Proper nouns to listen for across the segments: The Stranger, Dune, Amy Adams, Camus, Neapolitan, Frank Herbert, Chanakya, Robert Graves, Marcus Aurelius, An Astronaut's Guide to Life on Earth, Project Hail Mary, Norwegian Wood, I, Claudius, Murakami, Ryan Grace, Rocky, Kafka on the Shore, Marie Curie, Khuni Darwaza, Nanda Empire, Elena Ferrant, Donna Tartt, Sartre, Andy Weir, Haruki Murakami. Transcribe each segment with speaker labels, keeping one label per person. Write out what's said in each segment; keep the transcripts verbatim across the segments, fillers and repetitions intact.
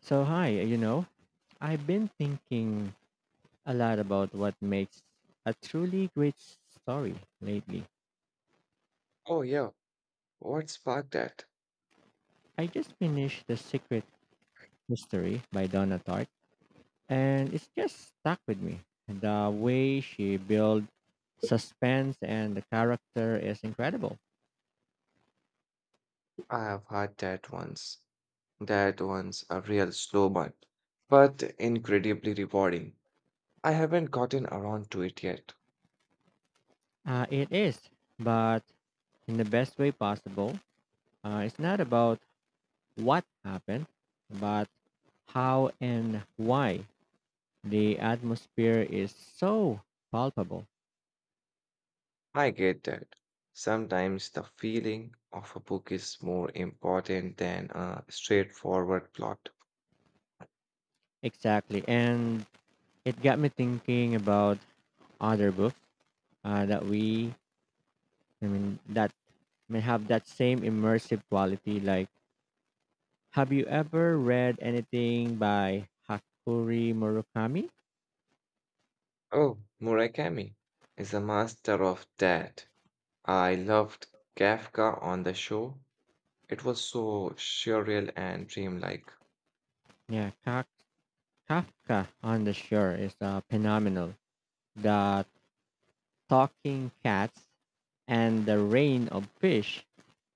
Speaker 1: So, hi, you know, I've been thinking a lot about what makes a truly great story lately.
Speaker 2: Oh, yeah. What sparked that?
Speaker 1: I just finished The Secret History by Donna Tartt, and it's just stuck with me. The way she built suspense and the character is incredible.
Speaker 2: I have had that once. That one's a real slow one, but incredibly rewarding. I haven't gotten around to it yet.
Speaker 1: Uh, it is, but in the best way possible. Uh, it's not about what happened, but how and why. The atmosphere is so palpable.
Speaker 2: I get that. Sometimes the feeling of a book is more important than a straightforward plot.
Speaker 1: Exactly. And it got me thinking about other books uh, that we, I mean, that may have that same immersive quality. Like, have you ever read anything by Hakuri Murakami?
Speaker 2: Oh, Murakami is a master of that. I loved Kafka on the Shore. It was so surreal and dreamlike.
Speaker 1: Yeah, Kaf- Kafka on the Shore is uh, phenomenal. The talking cats and the rain of fish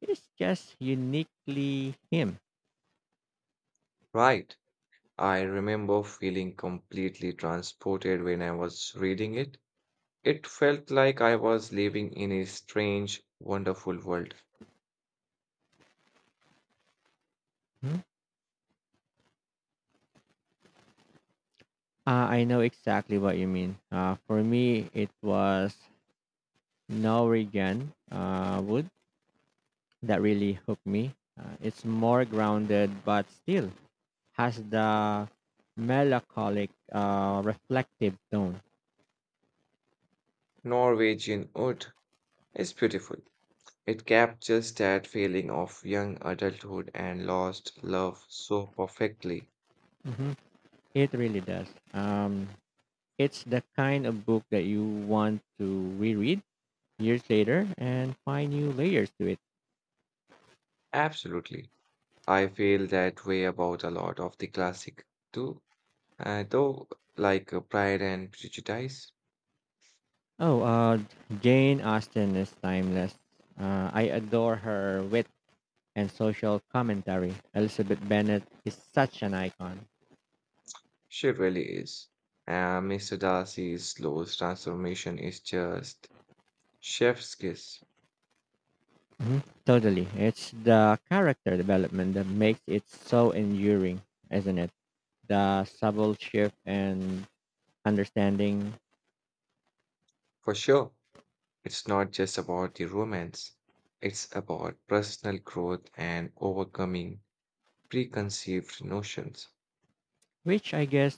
Speaker 1: is just uniquely him.
Speaker 2: Right. I remember feeling completely transported when I was reading it. It felt like I was living in a strange, wonderful world.
Speaker 1: Hmm. Uh, I know exactly what you mean. Uh, for me, it was Norwegian uh, wood that really hooked me. Uh, it's more grounded, but still has the melancholic, uh, reflective tone.
Speaker 2: Norwegian Wood is beautiful. It captures that feeling of young adulthood and lost love so perfectly.
Speaker 1: Hmm. It really does. Um, it's the kind of book that you want to reread years later and find new layers to it.
Speaker 2: Absolutely. I feel that way about a lot of the classic too, uh, though like uh, Pride and Prejudice.
Speaker 1: Oh, uh, Jane Austen is timeless. Uh, I adore her wit and social commentary. Elizabeth Bennet is such an icon.
Speaker 2: She really is. And Mister Darcy's slow transformation is just chef's kiss.
Speaker 1: Mhm. Totally. It's the character development that makes it so enduring, isn't it? The subtle shift and understanding,
Speaker 2: For sure, it's not just about the romance, it's about personal growth and overcoming preconceived notions.
Speaker 1: which I guess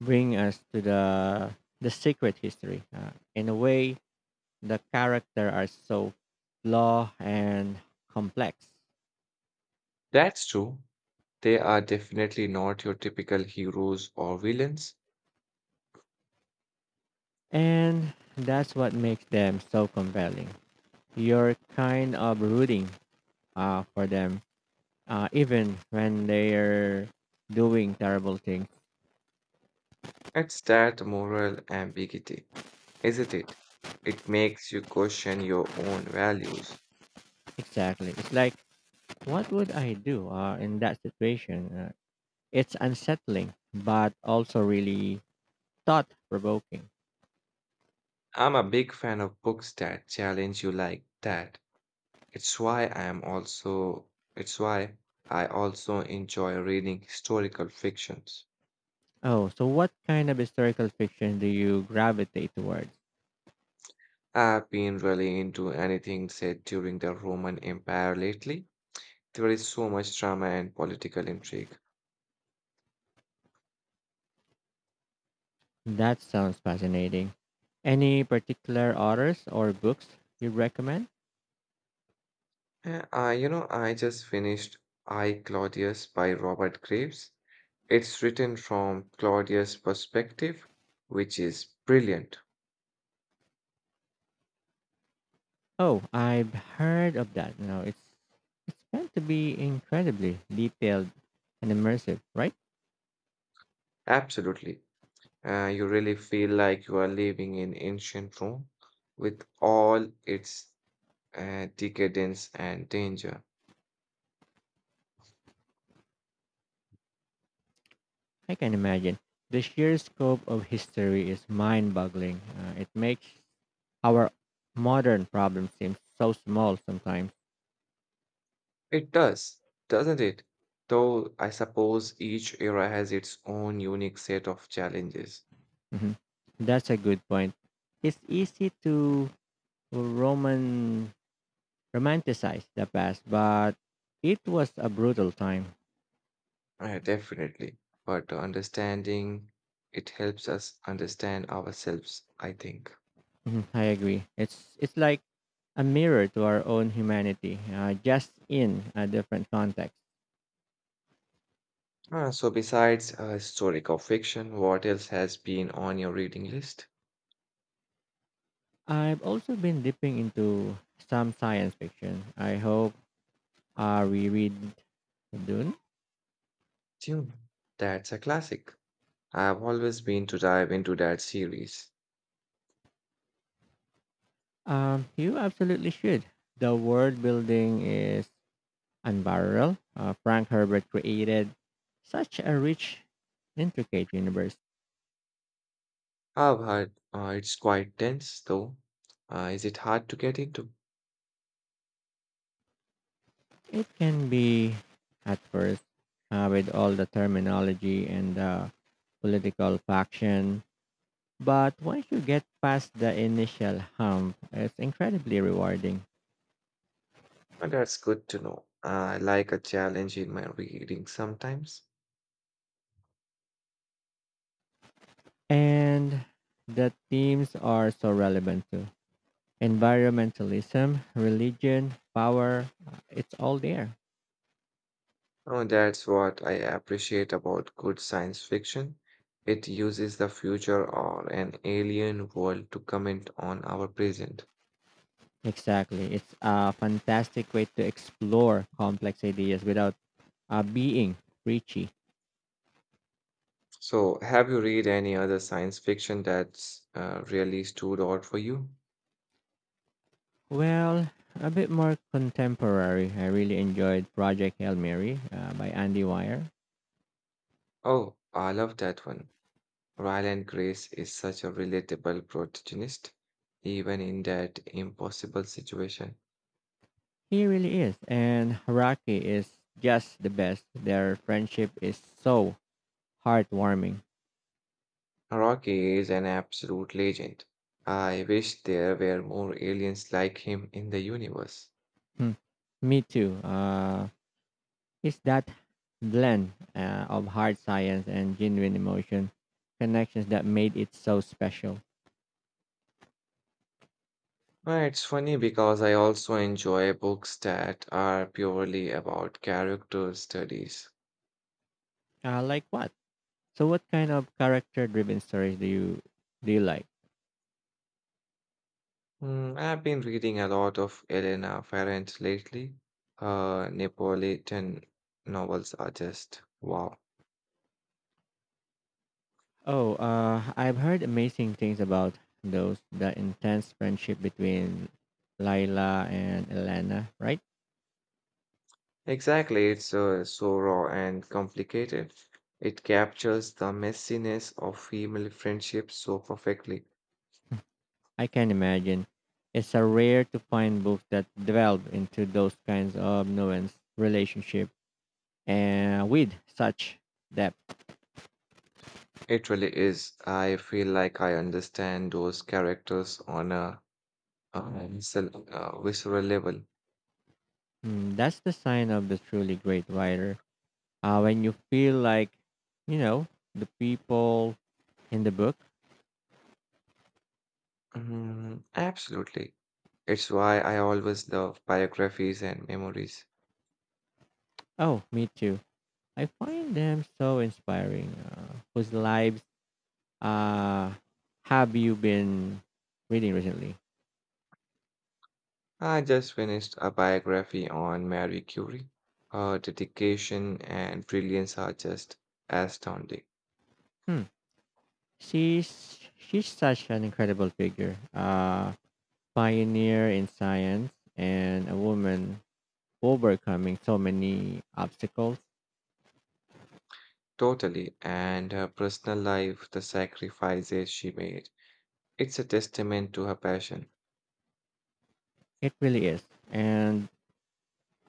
Speaker 1: bring us to the the secret history. Uh, in a way, the character are so flawed and complex,
Speaker 2: That's true. They are definitely not your typical heroes or villains.
Speaker 1: and that's what makes them so compelling. You're kind of rooting uh, for them uh, even when they're doing terrible things.
Speaker 2: It's that moral ambiguity, isn't it? It makes you question your own values.
Speaker 1: Exactly. It's like, what would I do uh, in that situation? Uh, it's unsettling, but also really thought provoking.
Speaker 2: I'm a big fan of books that challenge you like that. It's why I am also it's why I also enjoy reading historical fictions.
Speaker 1: Oh, so what kind of historical fiction do you gravitate towards?
Speaker 2: I've been really into anything set during the Roman Empire lately. There is so much drama and political intrigue.
Speaker 1: That sounds fascinating. Any particular authors or books you recommend?
Speaker 2: Yeah, Uh, I, you know, I just finished I, Claudius by Robert Graves. It's written from Claudius' perspective, which is brilliant.
Speaker 1: Oh, I've heard of that. You know, it's it's meant to be incredibly detailed and immersive, right?
Speaker 2: Absolutely. Uh, you really feel like you are living in ancient Rome with all its uh, decadence, and danger.
Speaker 1: I can imagine. The sheer scope of history is mind boggling. Uh, it makes our modern problem seem so small sometimes.
Speaker 2: It does, doesn't it? Though I suppose each era has its own unique set of challenges.
Speaker 1: Mhm. That's a good point. It's easy to Roman romanticize the past, but it was a brutal time.
Speaker 2: Uh, definitely. But understanding it helps us understand ourselves, I think.
Speaker 1: Mhm, I agree. It's it's like a mirror to our own humanity, uh, just in a different context.
Speaker 2: Ah, so, besides uh, historical fiction, what else has been on your reading list?
Speaker 1: I've also been dipping into some science fiction. I hope uh, we read Dune?
Speaker 2: Dune. That's a classic. I've always been to dive into that series.
Speaker 1: Um, you absolutely should. The world building is unparalleled. Uh, Frank Herbert created such a rich, intricate universe.
Speaker 2: I've heard uh, it's quite dense, though. Uh, is it hard to get into?
Speaker 1: It can be, at first, uh, with all the terminology and the political faction, but once you get past the initial hump, it's incredibly rewarding.
Speaker 2: Uh, That's good to know. I like a challenge in my reading sometimes.
Speaker 1: And the themes are so relevant too. Environmentalism, religion, power, uh, it's all there.
Speaker 2: Oh, that's what I appreciate about good science fiction. It uses the future or an alien world to comment on our present.
Speaker 1: Exactly. It's a fantastic way to explore complex ideas without uh, being preachy.
Speaker 2: So, have you read any other science fiction that's uh, really stood out for you?
Speaker 1: Well, a bit more contemporary. I really enjoyed Project Hail Mary uh, by Andy Weir.
Speaker 2: Oh, I love that one. Ryan Grace is such a relatable protagonist, even in that impossible situation.
Speaker 1: He really is. And Haraki is just the best. Their friendship is so heartwarming.
Speaker 2: Rocky is an absolute legend. I wish there were more aliens like him in the universe.
Speaker 1: Hmm. Me too. Uh, It's that blend uh, of hard science and genuine emotion connections that made it so special.
Speaker 2: Uh, It's funny because I also enjoy books that are purely about character studies.
Speaker 1: Uh, like what? So, what kind of character-driven stories do you do you like?
Speaker 2: Hmm, I've been reading a lot of Elena Ferrant lately. Her Neapolitan novels are just wow.
Speaker 1: Oh, uh, I've heard amazing things about those. The intense friendship between Lila and Elena, right?
Speaker 2: Exactly, it's uh, so raw and complicated. It captures the messiness of female friendships so perfectly.
Speaker 1: I can imagine. It's a rare to find books that delve into those kinds of nuanced relationship and with such depth.
Speaker 2: It really is. I feel like I understand those characters on a, uh, visceral uh, visceral level.
Speaker 1: Mm, that's the sign of the truly great writer. Uh, when you feel like, you know, the people in the book.
Speaker 2: Mm, absolutely. It's why I always love biographies and memories.
Speaker 1: Oh, me too. I find them so inspiring. Uh, whose lives uh, have you been reading recently?
Speaker 2: I just finished a biography on Marie Curie. Her dedication and brilliance are just astounding.
Speaker 1: Hmm. She's she's such an incredible figure. Uh, pioneer in science and a woman overcoming so many obstacles.
Speaker 2: Totally. And her personal life, the sacrifices she made. It's a testament to her passion.
Speaker 1: It really is. And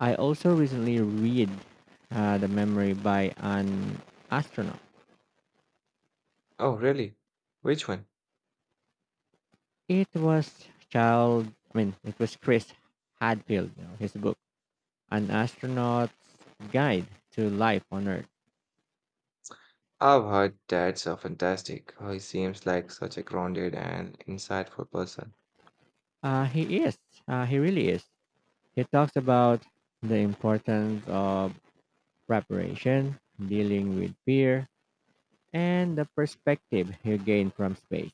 Speaker 1: I also recently read uh, The Memory by an Astronaut.
Speaker 2: Oh, really? Which one?
Speaker 1: It was child, I mean, it was Chris Hadfield, you know, his book, An Astronaut's Guide to Life on Earth.
Speaker 2: I've heard that's a fantastic. Oh, he seems like such a grounded and insightful person.
Speaker 1: Uh, he is, uh, he really is. He talks about the importance of preparation, dealing with fear, and the perspective you gain from space.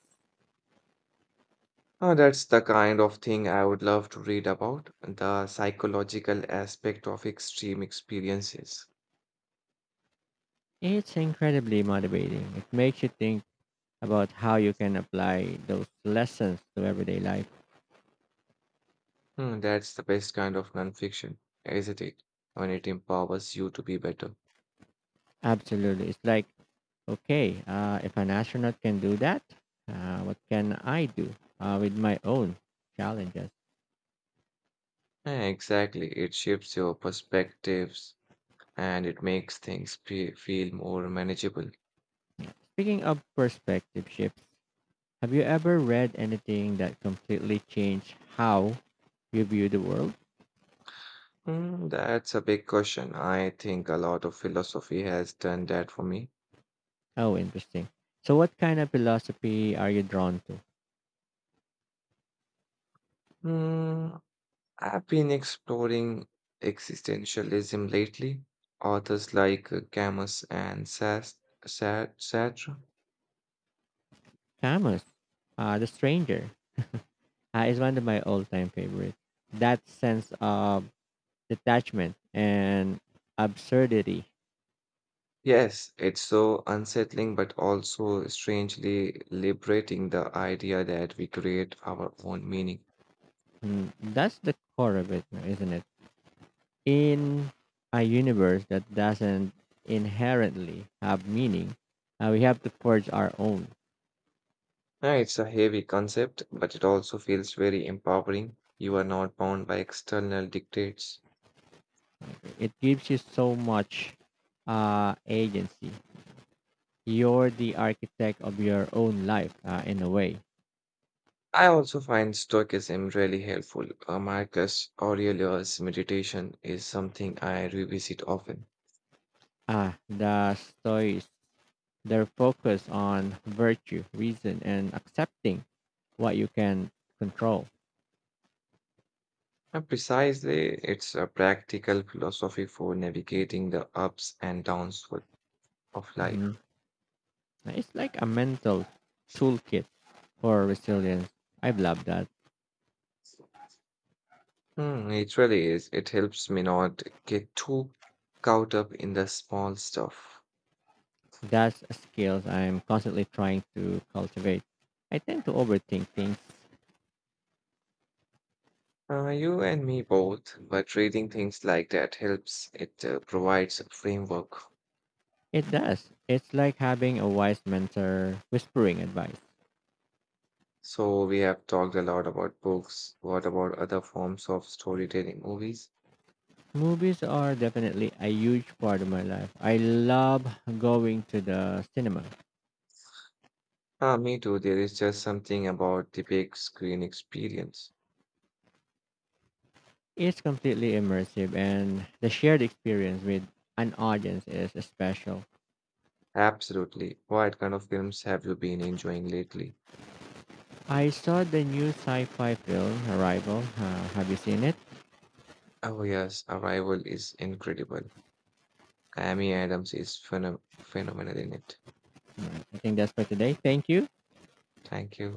Speaker 2: Oh, that's the kind of thing I would love to read about, the psychological aspect of extreme experiences.
Speaker 1: It's incredibly motivating. It makes you think about how you can apply those lessons to everyday life.
Speaker 2: Hmm, that's the best kind of nonfiction, isn't it? When it empowers you to be better.
Speaker 1: Absolutely. It's like, okay, uh, if an astronaut can do that, uh, what can I do uh, with my own challenges?
Speaker 2: Eh, Exactly. It shifts your perspectives and it makes things fe- feel more manageable.
Speaker 1: Speaking of perspective shifts, have you ever read anything that completely changed how you view the world?
Speaker 2: Hmm, that's a big question. I think a lot of philosophy has done that for me.
Speaker 1: Oh, interesting. So, what kind of philosophy are you drawn to?
Speaker 2: Hmm, I've been exploring existentialism lately. Authors like uh, Camus and Sas- Sa- Sartre.
Speaker 1: Camus, uh, The Stranger, uh, is one of my all time favorites. That sense of detachment and absurdity.
Speaker 2: Yes, it's so unsettling, but also strangely liberating the idea that we create our own meaning.
Speaker 1: Mm, that's the core of it, isn't it? In a universe that doesn't inherently have meaning, uh, we have to forge our own.
Speaker 2: Yeah, it's a heavy concept, but it also feels very empowering. You are not bound by external dictates.
Speaker 1: It gives you so much uh, agency. You're the architect of your own life, uh, in a way.
Speaker 2: I also find Stoicism really helpful. Uh, Marcus Aurelius' meditation is something I revisit often.
Speaker 1: Ah, the Stoics, their focus on virtue, reason, and accepting what you can control.
Speaker 2: And precisely, it's a practical philosophy for navigating the ups and downs with- of life.
Speaker 1: Mhm. It's like a mental toolkit for resilience. I've loved that.
Speaker 2: Hmm, it really is. It helps me not get too caught up in the small stuff.
Speaker 1: That's a skill I'm constantly trying to cultivate. I tend to overthink things.
Speaker 2: Uh, you and me both, but reading things like that helps. It uh, provides a framework.
Speaker 1: It does. It's like having a wise mentor whispering advice.
Speaker 2: So, we have talked a lot about books. What about other forms of storytelling, movies?
Speaker 1: Movies are definitely a huge part of my life. I love going to the cinema.
Speaker 2: Ah, me too. There is just something about the big screen experience.
Speaker 1: It's completely immersive and the shared experience with an audience is special.
Speaker 2: Absolutely. What kind of films have you been enjoying lately?
Speaker 1: I saw the new sci-fi film Arrival. Uh, have you seen it?
Speaker 2: Oh, yes, Arrival is incredible. Amy Adams is phenom- phenomenal in it.
Speaker 1: I think that's for today. Thank you.
Speaker 2: Thank you.